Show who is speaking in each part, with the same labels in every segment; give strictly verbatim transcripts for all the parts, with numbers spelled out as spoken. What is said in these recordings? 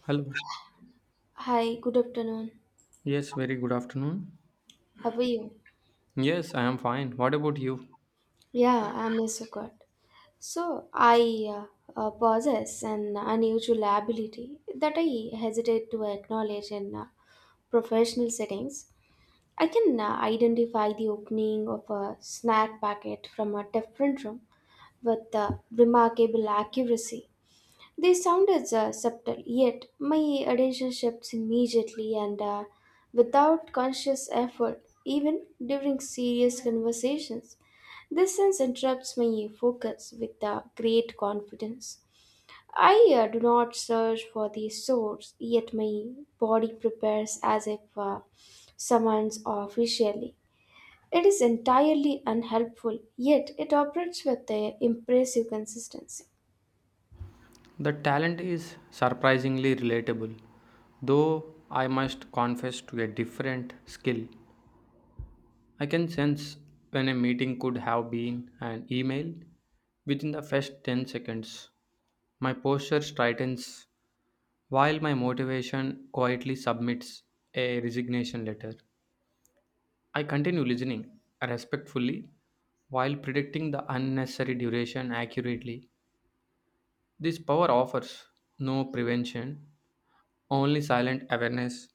Speaker 1: Hello.
Speaker 2: Hi, good afternoon.
Speaker 1: Yes, very good afternoon.
Speaker 2: How are you?
Speaker 1: Yes, I am fine. What about you?
Speaker 2: Yeah, I'm also good. So, I uh, uh, possess an unusual ability that I hesitate to acknowledge in uh, professional settings. I can uh, identify the opening of a snack packet from a different room with uh, remarkable accuracy. They sounded uh, subtle, yet my attention shifts immediately and uh, without conscious effort, even during serious conversations. This sense interrupts my focus with uh, great confidence. I uh, do not search for the source, yet my body prepares as if uh, summons officially. It is entirely unhelpful, yet it operates with uh, impressive consistency.
Speaker 1: The talent is surprisingly relatable, though I must confess to a different skill. I can sense when a meeting could have been an email within the first ten seconds. My posture straightens while my motivation quietly submits a resignation letter. I continue listening respectfully while predicting the unnecessary duration accurately. This power offers no prevention, only silent awareness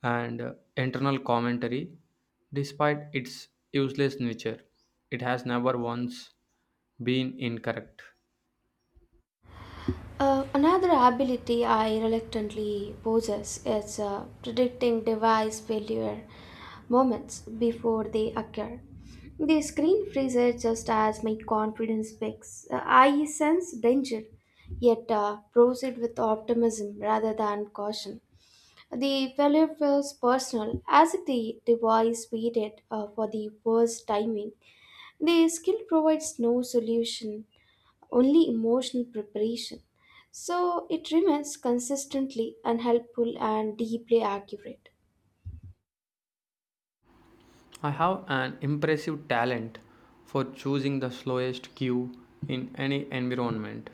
Speaker 1: and uh, internal commentary. Despite its useless nature, it has never once been incorrect.
Speaker 2: Uh, another ability I reluctantly possess is uh, predicting device failure moments before they occur. The screen freezes just as my confidence peaks. Uh, I sense danger, yet uh, proceed with optimism rather than caution. The failure feels personal, as if the device waited uh, for the worst timing. The skill provides no solution, only emotional preparation. So it remains consistently unhelpful and deeply accurate.
Speaker 1: I have an impressive talent for choosing the slowest cue in any environment,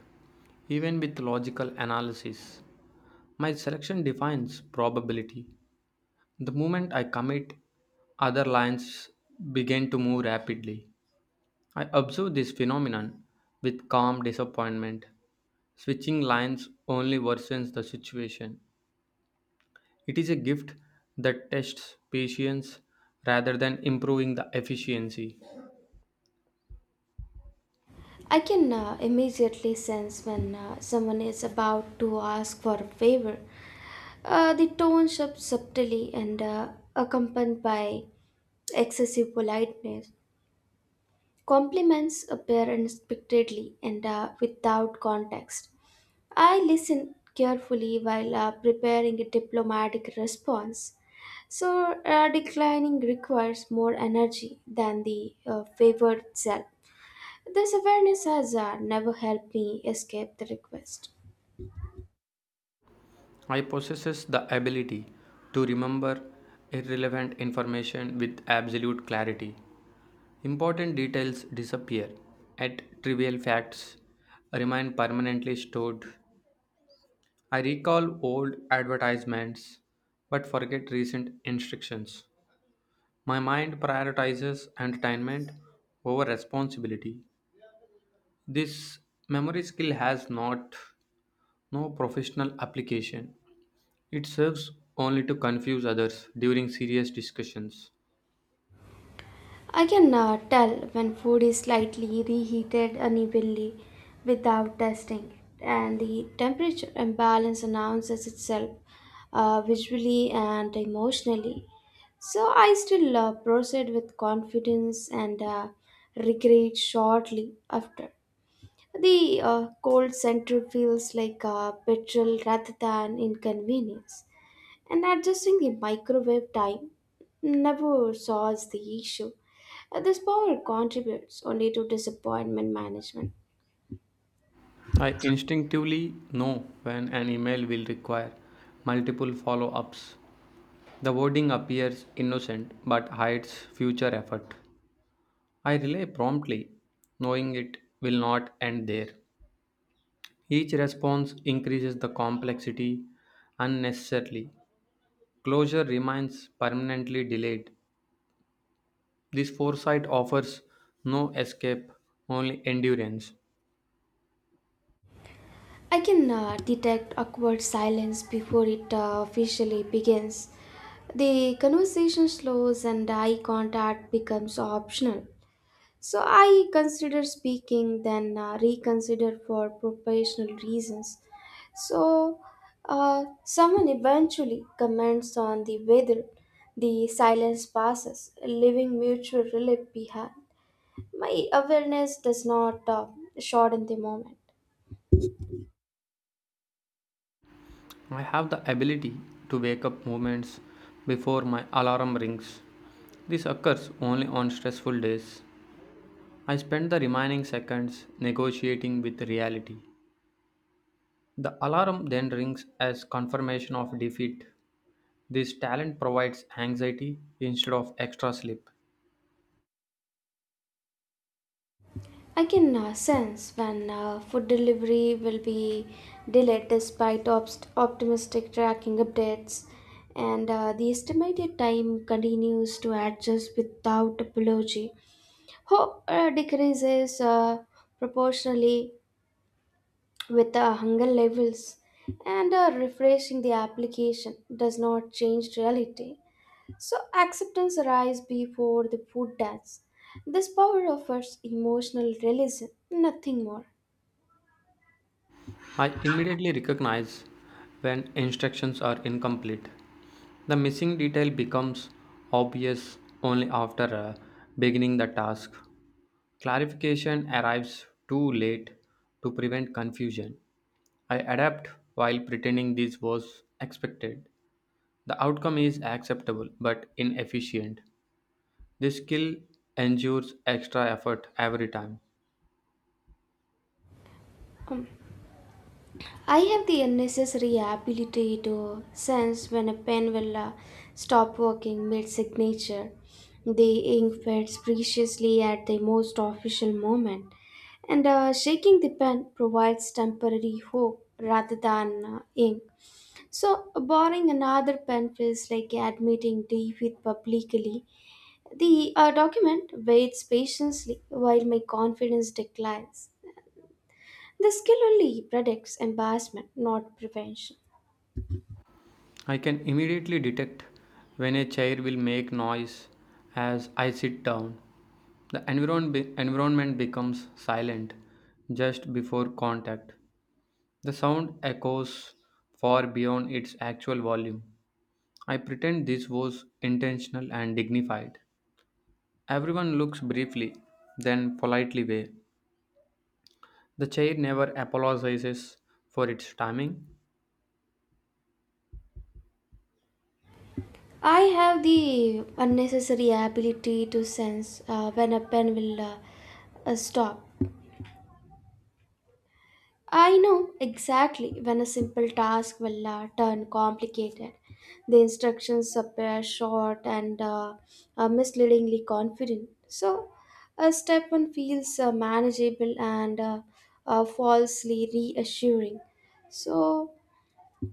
Speaker 1: even with logical analysis. My selection defines probability. The moment I commit, other lines begin to move rapidly. I observe this phenomenon with calm disappointment. Switching lines only worsens the situation. It is a gift that tests patience rather than improving the efficiency.
Speaker 2: I can uh, immediately sense when uh, someone is about to ask for a favor. Uh, the tone shifts subtly and uh, accompanied by excessive politeness. Compliments appear unexpectedly and uh, without context. I listen carefully while uh, preparing a diplomatic response. So, uh, declining requires more energy than the uh, favored self. This awareness has uh, never helped me escape the request.
Speaker 1: I possesses the ability to remember irrelevant information with absolute clarity. Important details disappear, yet trivial facts remain permanently stored. I recall old advertisements but forget recent instructions. My mind prioritizes entertainment over responsibility. This memory skill has not no professional application. It serves only to confuse others during serious discussions.
Speaker 2: I can uh, tell when food is slightly reheated unevenly without testing it, and the temperature imbalance announces itself uh, visually and emotionally. So, I still uh, proceed with confidence and uh, regret shortly after. The uh, cold center feels like a betrayal rather than inconvenience, and adjusting the microwave time never solves the issue. Uh, This power contributes only to disappointment management.
Speaker 1: I instinctively know when an email will require multiple follow ups. The wording appears innocent but hides future effort. I relay promptly, knowing it will not end there. Each response increases the complexity unnecessarily. Closure remains permanently delayed. This foresight offers no escape, only endurance.
Speaker 2: I can uh, detect awkward silence before it uh, officially begins. The conversation slows and eye contact becomes optional. So I consider speaking, then uh, reconsider for professional reasons. So, uh, someone eventually comments on the weather. The silence passes, leaving mutual relief behind. My awareness does not uh, shorten the moment.
Speaker 1: I have the ability to wake up moments before my alarm rings. This occurs only on stressful days. I spend the remaining seconds negotiating with reality. The alarm then rings as confirmation of defeat. This talent provides anxiety instead of extra sleep.
Speaker 2: I can uh, sense when uh, food delivery will be delayed despite obst- optimistic tracking updates, and uh, the estimated time continues to adjust without apology. Hope uh, decreases uh, proportionally with the hunger levels, and uh, refreshing the application does not change reality. So acceptance arises before the food does. This power offers emotional realism, nothing more.
Speaker 1: I immediately recognize when instructions are incomplete. The missing detail becomes obvious only after uh, beginning the task. Clarification arrives too late to prevent confusion. I adapt while pretending this was expected. The outcome is acceptable but inefficient. This skill endures extra effort every time.
Speaker 2: Um, I have the unnecessary ability to sense when a pen will uh, stop working mid signature. The ink fades preciously at the most official moment. And uh, shaking the pen provides temporary hope rather than uh, ink. So, borrowing another pen feels like admitting defeat publicly. The uh, document waits patiently while my confidence declines. The skill only predicts embarrassment, not prevention.
Speaker 1: I can immediately detect when a chair will make noise as I sit down. The environ- be- environment becomes silent just before contact. The sound echoes far beyond its actual volume. I pretend this was intentional and dignified. Everyone looks briefly, then politely away. The chair never apologizes for its timing.
Speaker 2: I have the unnecessary ability to sense uh, when a pen will uh, uh, stop. I know exactly when a simple task will uh, turn complicated. The instructions appear short and uh, uh, misleadingly confident. So, a step one feels uh, manageable and uh, uh, falsely reassuring. So,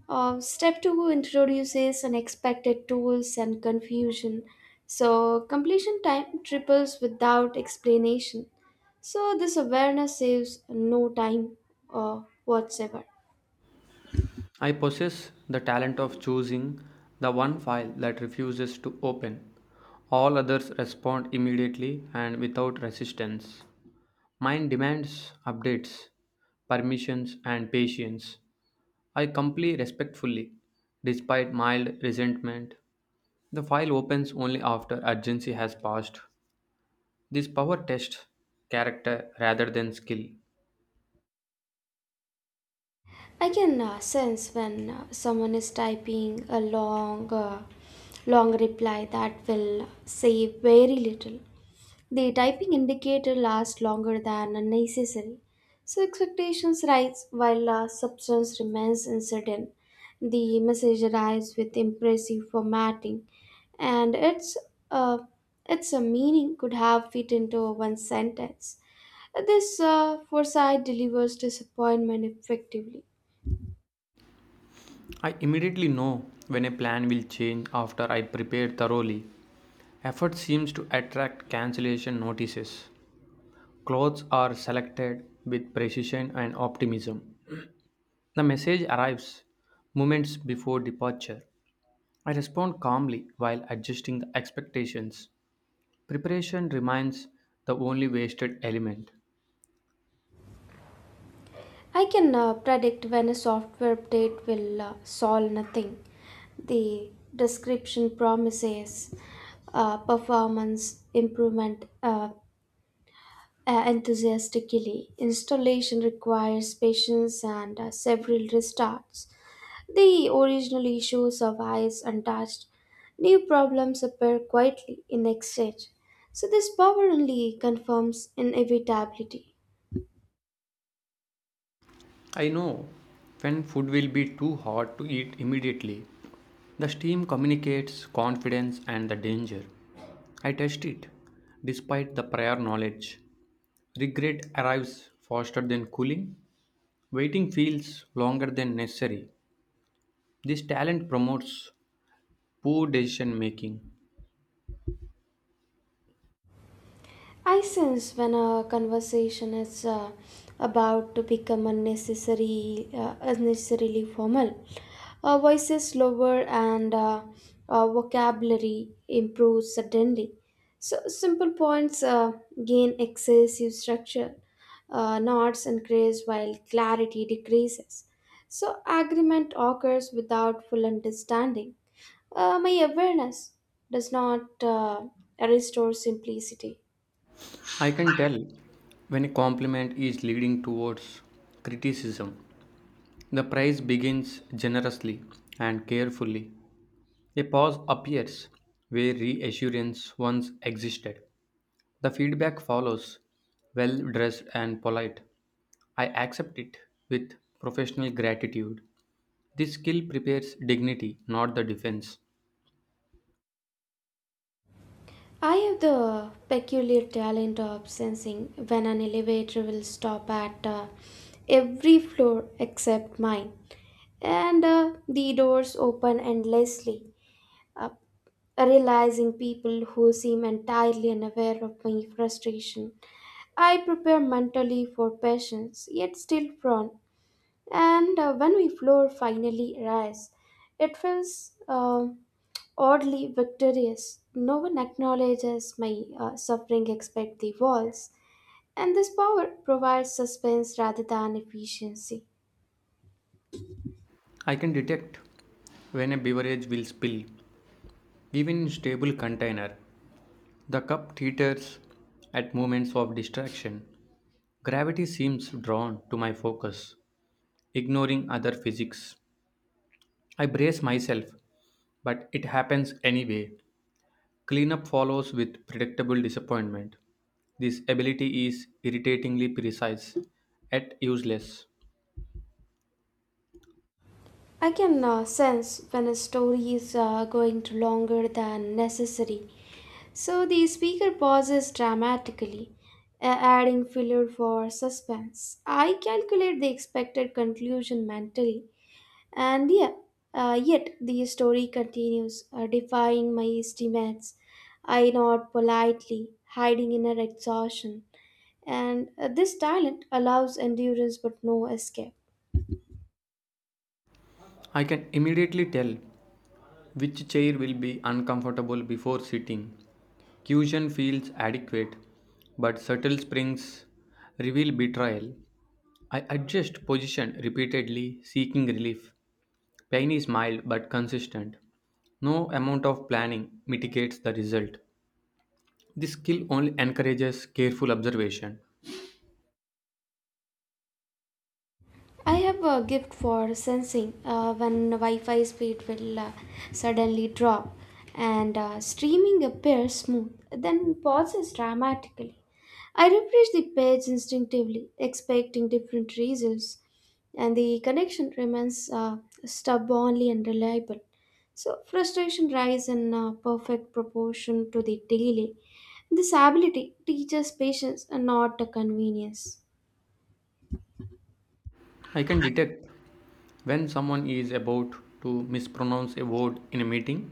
Speaker 2: uh, step two introduces unexpected tools and confusion. So, completion time triples without explanation. So this awareness saves no time uh, whatsoever.
Speaker 1: I possess the talent of choosing the one file that refuses to open. All others respond immediately and without resistance. Mine demands updates, permissions, and patience. I comply respectfully, despite mild resentment. The file opens only after urgency has passed. This power tests character rather than skill.
Speaker 2: I can uh, sense when uh, someone is typing a long, uh, long reply that will save very little. The typing indicator lasts longer than unnecessary, so expectations rise while uh, substance remains uncertain. The message arrives with impressive formatting, and its uh, its uh, meaning could have fit into one sentence. This uh, foresight delivers disappointment effectively.
Speaker 1: I immediately know when a plan will change after I prepare thoroughly. Effort seems to attract cancellation notices. Clothes are selected with precision and optimism. The message arrives moments before departure. I respond calmly while adjusting the expectations. Preparation remains the only wasted element.
Speaker 2: I can uh, predict when a software update will uh, solve nothing. The description promises uh, performance improvement uh, uh, enthusiastically. Installation requires patience and uh, several restarts. The original issue survives untouched. New problems appear quietly in exchange. So, this power only confirms inevitability.
Speaker 1: I know when food will be too hot to eat immediately. The steam communicates confidence and the danger. I test it despite the prior knowledge. Regret arrives faster than cooling. Waiting feels longer than necessary. This talent promotes poor decision making.
Speaker 2: I sense when a conversation is uh, about to become unnecessary, uh, unnecessarily formal, uh, voices lower and uh, uh, vocabulary improves suddenly. So simple points uh, gain excessive structure. Uh, knots increase while clarity decreases. So agreement occurs without full understanding. Uh, my awareness does not uh, restore simplicity.
Speaker 1: I can tell when a compliment is leading towards criticism. The praise begins generously and carefully. A pause appears where reassurance once existed. The feedback follows, well dressed and polite. I accept it with professional gratitude. This skill prepares dignity, not the defense.
Speaker 2: I have the peculiar talent of sensing when an elevator will stop at uh, every floor except mine, and uh, the doors open endlessly, uh, realizing people who seem entirely unaware of my frustration. I prepare mentally for patience, yet still frown, and uh, when we floor finally arrives, it feels uh, oddly victorious. No one acknowledges my uh, suffering except the walls, and this power provides suspense rather than efficiency.
Speaker 1: I can detect when a beverage will spill, even in stable container. The cup teeters at moments of distraction. Gravity seems drawn to my focus, ignoring other physics. I brace myself, but it happens anyway. Cleanup follows with predictable disappointment. This ability is irritatingly precise, yet useless.
Speaker 2: I can uh, sense when a story is uh, going to longer than necessary. So the speaker pauses dramatically, a- adding filler for suspense. I calculate the expected conclusion mentally. And yeah, uh, yet the story continues, uh, defying my estimates. I nod politely, hiding inner exhaustion. And uh, this talent allows endurance but no escape.
Speaker 1: I can immediately tell which chair will be uncomfortable before sitting. Cushion feels adequate, but subtle springs reveal betrayal. I adjust position repeatedly, seeking relief. Pain is mild but consistent. No amount of planning mitigates the result. This skill only encourages careful observation.
Speaker 2: I have a gift for sensing uh, when Wi Fi speed will uh, suddenly drop, and uh, streaming appears smooth, then pauses dramatically. I refresh the page instinctively, expecting different results, and the connection remains uh, stubbornly unreliable. So, frustration rises in uh, perfect proportion to the delay. This ability teaches patience and not uh, convenience.
Speaker 1: I can detect when someone is about to mispronounce a word in a meeting.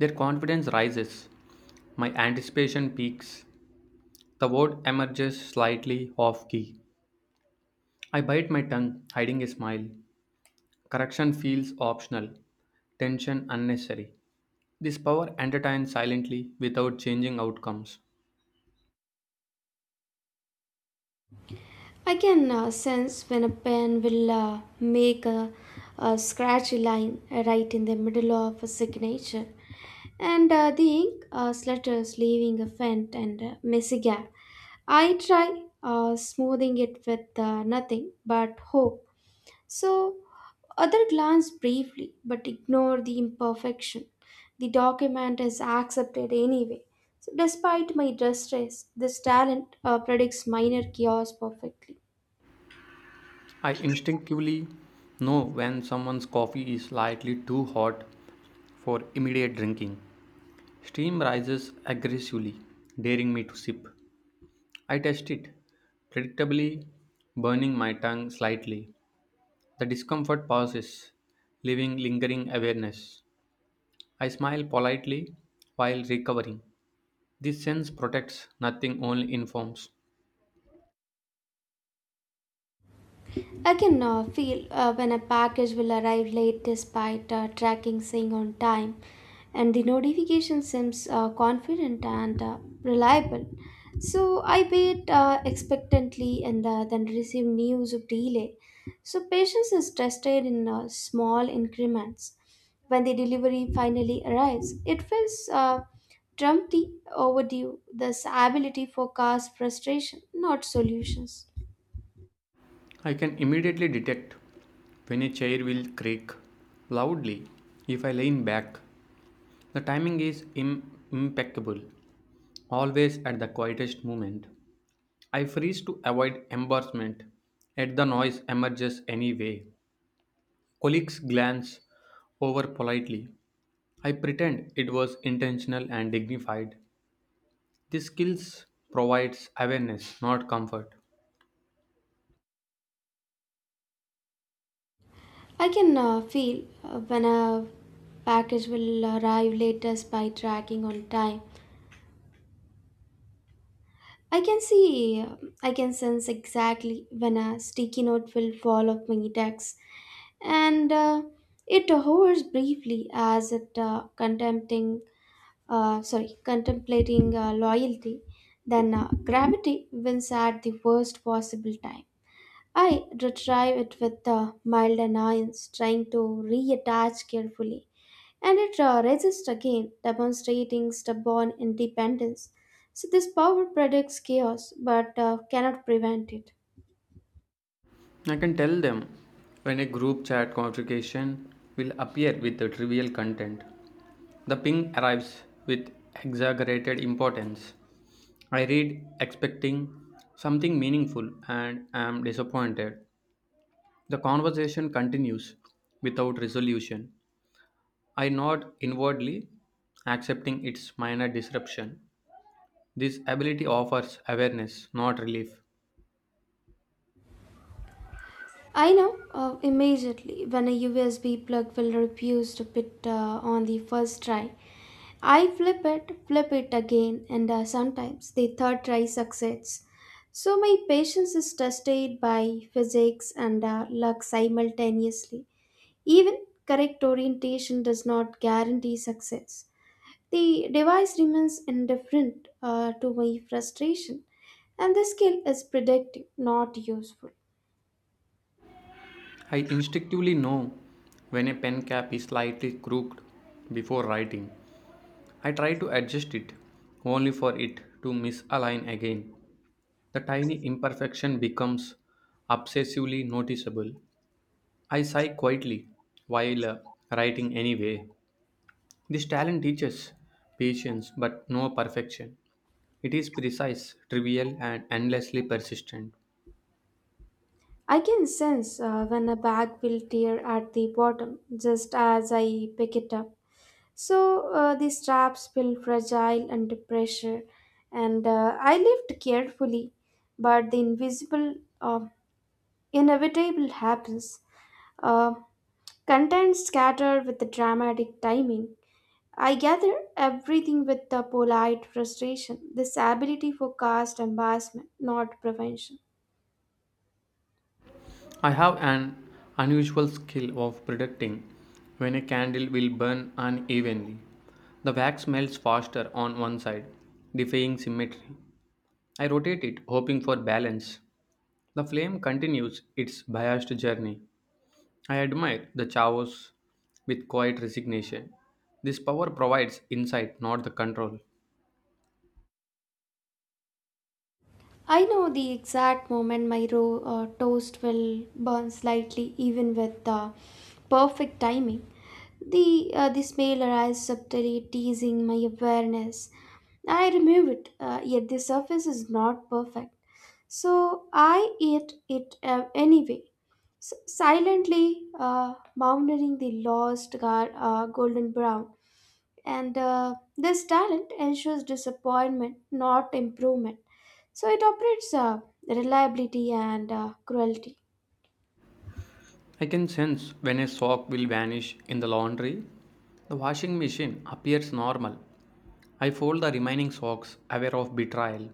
Speaker 1: Their confidence rises, my anticipation peaks, the word emerges slightly off key. I bite my tongue, hiding a smile. Correction feels optional, tension unnecessary. This power entertains silently without changing outcomes.
Speaker 2: I can uh, sense when a pen will uh, make a, a scratchy line right in the middle of a signature, and uh, the ink uh, slutters, leaving a faint and uh, messy gap. I try uh, smoothing it with uh, nothing but hope. So, other glance briefly but ignore the imperfection. The document is accepted anyway. So, despite my distress, this talent uh, predicts minor chaos perfectly.
Speaker 1: I instinctively know when someone's coffee is slightly too hot for immediate drinking. Steam rises aggressively, daring me to sip. I test it, predictably burning my tongue slightly. The discomfort passes, leaving lingering awareness. I smile politely while recovering. This sense protects, nothing only informs.
Speaker 2: I can uh, feel uh, when a package will arrive late despite uh, tracking saying on time, and the notification seems uh, confident and uh, reliable. So I wait uh, expectantly and uh, then receive news of delay. So patience is tested in uh, small increments. When the delivery finally arrives, it feels uh, trumpty overdue. This ability forecasts frustration, not solutions.
Speaker 1: I can immediately detect when a chair will creak loudly if I lean back. The timing is Im- impeccable, always at the quietest moment. I freeze to avoid embarrassment, yet the noise emerges anyway. Colleagues glance over politely, I pretend it was intentional and dignified. These skills provides awareness, not comfort.
Speaker 2: I can uh, feel uh, when a package will arrive latest by tracking on time. I can see, uh, I can sense exactly when a sticky note will fall off my desk, and uh, it hovers briefly as it uh, contempting, uh, sorry, contemplating uh, loyalty. Then uh, gravity wins at the worst possible time. I retrieve it with uh, mild annoyance, trying to reattach carefully, and it uh, resists again, demonstrating stubborn independence. So, this power predicts chaos but uh, cannot prevent it.
Speaker 1: I can tell them when a group chat notification will appear with the trivial content. The ping arrives with exaggerated importance. I read expecting something meaningful and am disappointed. The conversation continues without resolution. I nod inwardly, accepting its minor disruption. This ability offers awareness, not relief.
Speaker 2: I know uh, immediately when a U S B plug will refuse to fit uh, on the first try. I flip it, flip it again, and uh, sometimes the third try succeeds. So, my patience is tested by physics and uh, luck simultaneously. Even correct orientation does not guarantee success. The device remains indifferent uh, to my frustration, and the skill is predictive, not useful.
Speaker 1: I instinctively know when a pen cap is slightly crooked before writing. I try to adjust it, only for it to misalign again. The tiny imperfection becomes obsessively noticeable. I sigh quietly while uh, writing anyway. This talent teaches patience but no perfection. It is precise, trivial, and endlessly persistent.
Speaker 2: I can sense uh, when a bag will tear at the bottom just as I pick it up. So uh, the straps feel fragile under pressure, and uh, I lift carefully, but the invisible uh, inevitable happens. Uh, Contents scatter with the dramatic timing. I gather everything with the polite frustration. This ability for caste embarrassment, not prevention.
Speaker 1: I have an unusual skill of predicting when a candle will burn unevenly. The wax melts faster on one side, defying symmetry. I rotate it, hoping for balance. The flame continues its biased journey. I admire the chaos with quiet resignation. This power provides insight, not the control.
Speaker 2: I know the exact moment my ro- uh, toast will burn slightly, even with the perfect timing. The uh, the smell arrives subtly, teasing my awareness. I remove it, uh, yet the surface is not perfect. So I eat it uh, anyway, s- silently, uh, mountaining the lost gar- uh, golden brown, and uh, this talent ensures disappointment, not improvement. So it operates uh, reliability and uh, cruelty.
Speaker 1: I can sense when a sock will vanish in the laundry. The washing machine appears normal. I fold the remaining socks, aware of betrayal.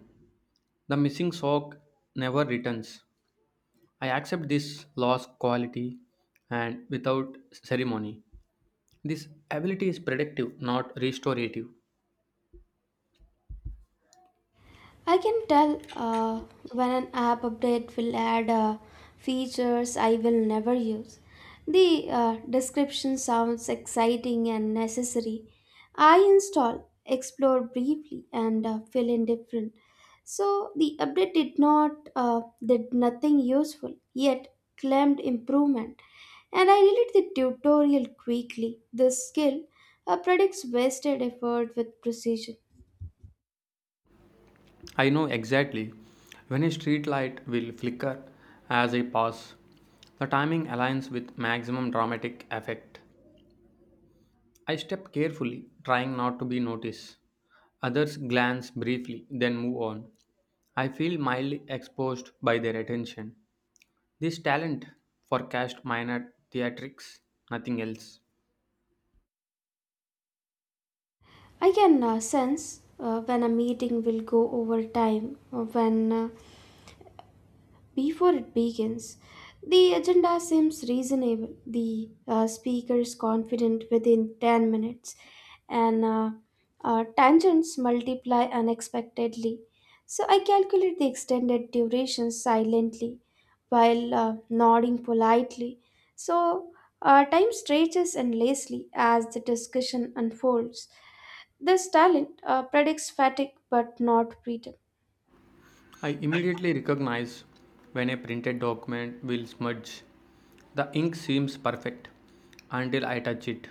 Speaker 1: The missing sock never returns. I accept this lost quality and without ceremony. This ability is predictive, not restorative.
Speaker 2: I can tell uh, when an app update will add uh, features I will never use. The uh, description sounds exciting and necessary. I install, explore briefly, and uh, feel indifferent. So the update did not uh, did nothing useful, yet claimed improvement. And I read the tutorial quickly. This skill uh, predicts wasted effort with precision.
Speaker 1: I know exactly when a street light will flicker as I pass. The timing aligns with maximum dramatic effect. I step carefully, trying not to be noticed. Others glance briefly, then move on. I feel mildly exposed by their attention. This talent forecast minor theatrics, nothing else.
Speaker 2: I can uh, sense uh, when a meeting will go over time, uh, when uh, before it begins, the agenda seems reasonable. The uh, speaker is confident within 10 minutes, and uh, uh, tangents multiply unexpectedly. So I calculate the extended duration silently while uh, nodding politely. So uh, time stretches endlessly as the discussion unfolds. This talent uh, predicts fatigue but not freedom.
Speaker 1: I immediately recognize when a printed document will smudge. The ink seems perfect until I touch it.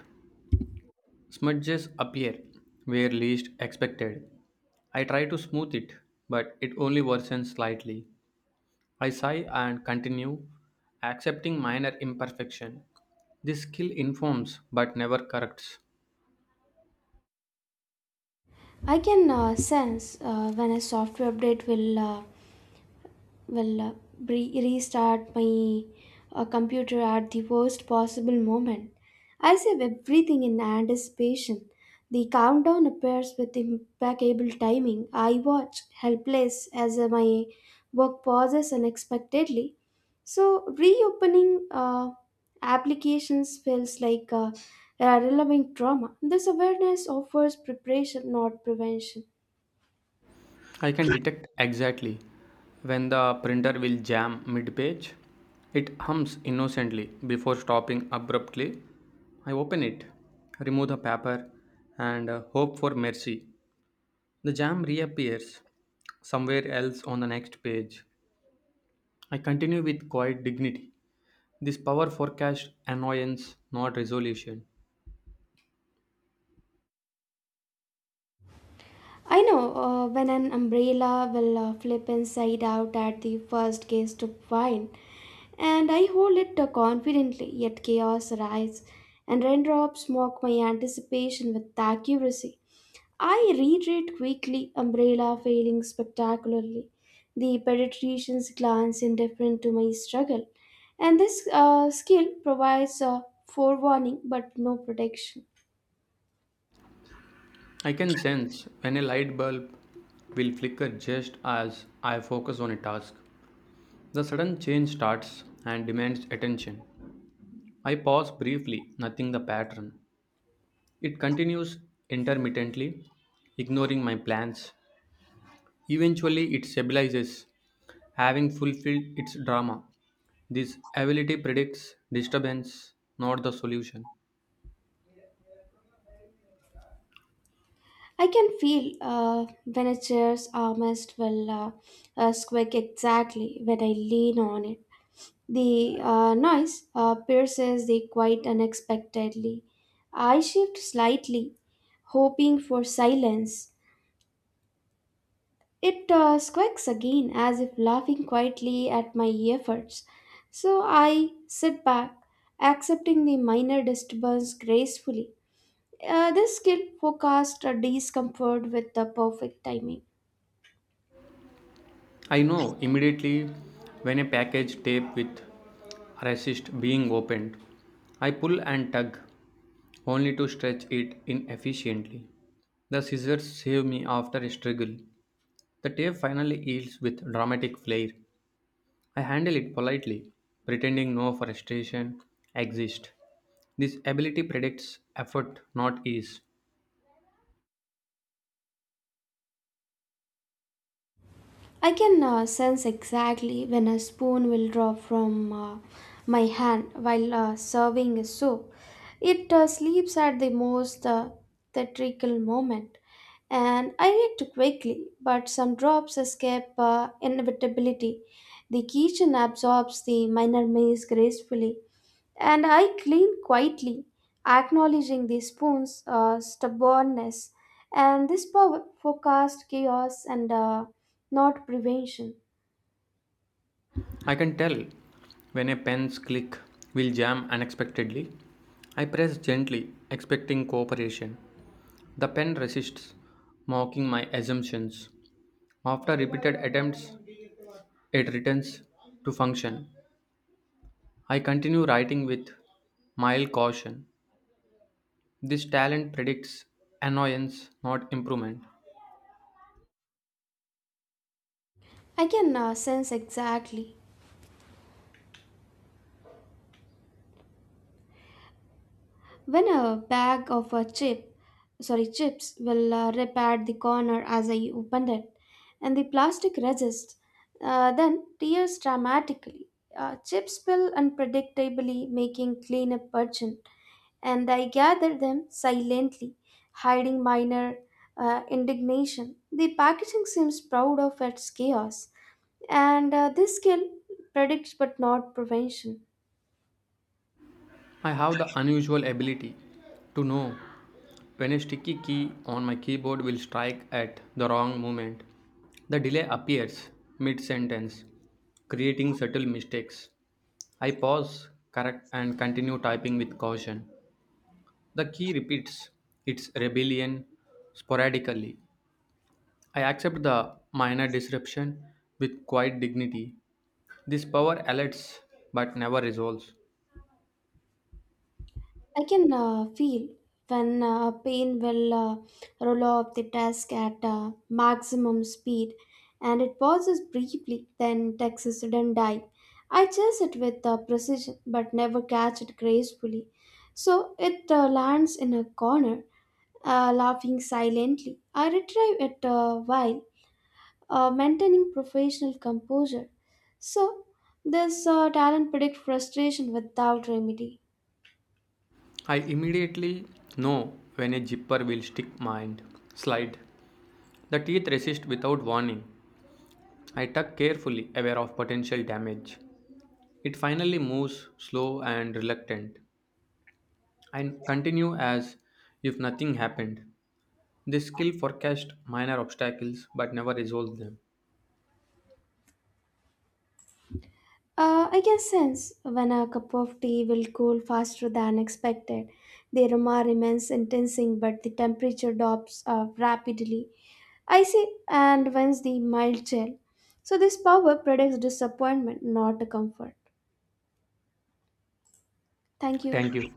Speaker 1: Smudges appear where least expected. I try to smooth it, but it only worsens slightly. I sigh and continue accepting minor imperfection. This skill informs but never corrects.
Speaker 2: I can uh, sense uh, when a software update will uh, will uh, re- restart my uh, computer at the worst possible moment. I save everything in anticipation. The countdown appears with impeccable timing. I watch helpless as uh, my work pauses unexpectedly. So reopening uh, applications feels like uh, a relevant trauma. This awareness offers preparation, not prevention.
Speaker 1: I can detect exactly when the printer will jam mid page. It hums innocently before stopping abruptly. I open it, remove the paper, and uh, hope for mercy. The jam reappears somewhere else on the next page. I continue with quiet dignity. This power forecast annoyance, not resolution.
Speaker 2: I know uh, when an umbrella will uh, flip inside out at the first gust of wind, and I hold it uh, confidently, yet chaos arises, and raindrops mock my anticipation with accuracy. I retreat quickly, umbrella failing spectacularly. The pediatricians glance indifferent to my struggle, and this uh, skill provides a forewarning but no protection.
Speaker 1: I can sense when a light bulb will flicker just as I focus on a task. The sudden change starts and demands attention. I pause briefly, noting the pattern. It continues intermittently, ignoring my plans. Eventually, it stabilizes, having fulfilled its drama. This ability predicts disturbance, not the solution.
Speaker 2: I can feel uh, when a chair's armrest will uh, uh, squeak exactly when I lean on it. The uh, noise uh, pierces the quiet unexpectedly. I shift slightly, hoping for silence. It uh, squeaks again as if laughing quietly at my efforts. So I sit back, accepting the minor disturbance gracefully. Uh, this skill forecasts a discomfort with the perfect timing.
Speaker 1: I know immediately when a package tape with resist being opened. I pull and tug, only to stretch it inefficiently. The scissors save me after a struggle. The tape finally yields with dramatic flair. I handle it politely, pretending no frustration exists. This ability predicts effort, not ease.
Speaker 2: I can uh, sense exactly when a spoon will drop from uh, my hand while uh, serving a soup. It uh, sleeps at the most uh, theatrical moment, and I react quickly, but some drops escape uh, inevitability. The kitchen absorbs the minor maze gracefully, and I clean quietly, acknowledging the spoon's uh, stubbornness. And this power forecast chaos and uh, not prevention.
Speaker 1: I can tell when a pen's click will jam unexpectedly. I press gently, expecting cooperation. The pen resists, mocking my assumptions. After repeated attempts, it returns to function. I continue writing with mild caution. This talent predicts annoyance, not improvement.
Speaker 2: I can uh, sense exactly when a bag of a chip, sorry, chips will uh, rip at the corner as I opened it, and the plastic resists. Uh, then tears dramatically. Uh, chips spill unpredictably, making cleanup urgent. And I gather them silently, hiding minor uh, indignation. The packaging seems proud of its chaos, and uh, this skill predicts but not prevention.
Speaker 1: I have the unusual ability to know when a sticky key on my keyboard will strike at the wrong moment. The delay appears mid sentence, creating subtle mistakes. I pause, correct, and continue typing with caution. The key repeats its rebellion sporadically. I accept the minor disruption with quiet dignity. This power alerts but never resolves.
Speaker 2: I can uh, feel when uh, pain will uh, roll off the desk at uh, maximum speed, and it pauses briefly, then takes a sudden dive. I chase it with uh, precision but never catch it gracefully. So it uh, lands in a corner, uh, laughing silently. I retrieve it uh, while uh, maintaining professional composure. So, this uh, talent predicts frustration without remedy.
Speaker 1: I immediately know when a zipper will stick mind. Slide. The teeth resist without warning. I tug carefully, aware of potential damage. It finally moves, slow and reluctant. I continue as if nothing happened. This skill forecast minor obstacles but never resolves them.
Speaker 2: Uh, I can sense when a cup of tea will cool faster than expected. The aroma remains intensing, but the temperature drops uh, rapidly. I see, and wins the mild chill. So, this power predicts disappointment, not comfort. Thank you.
Speaker 1: Thank you.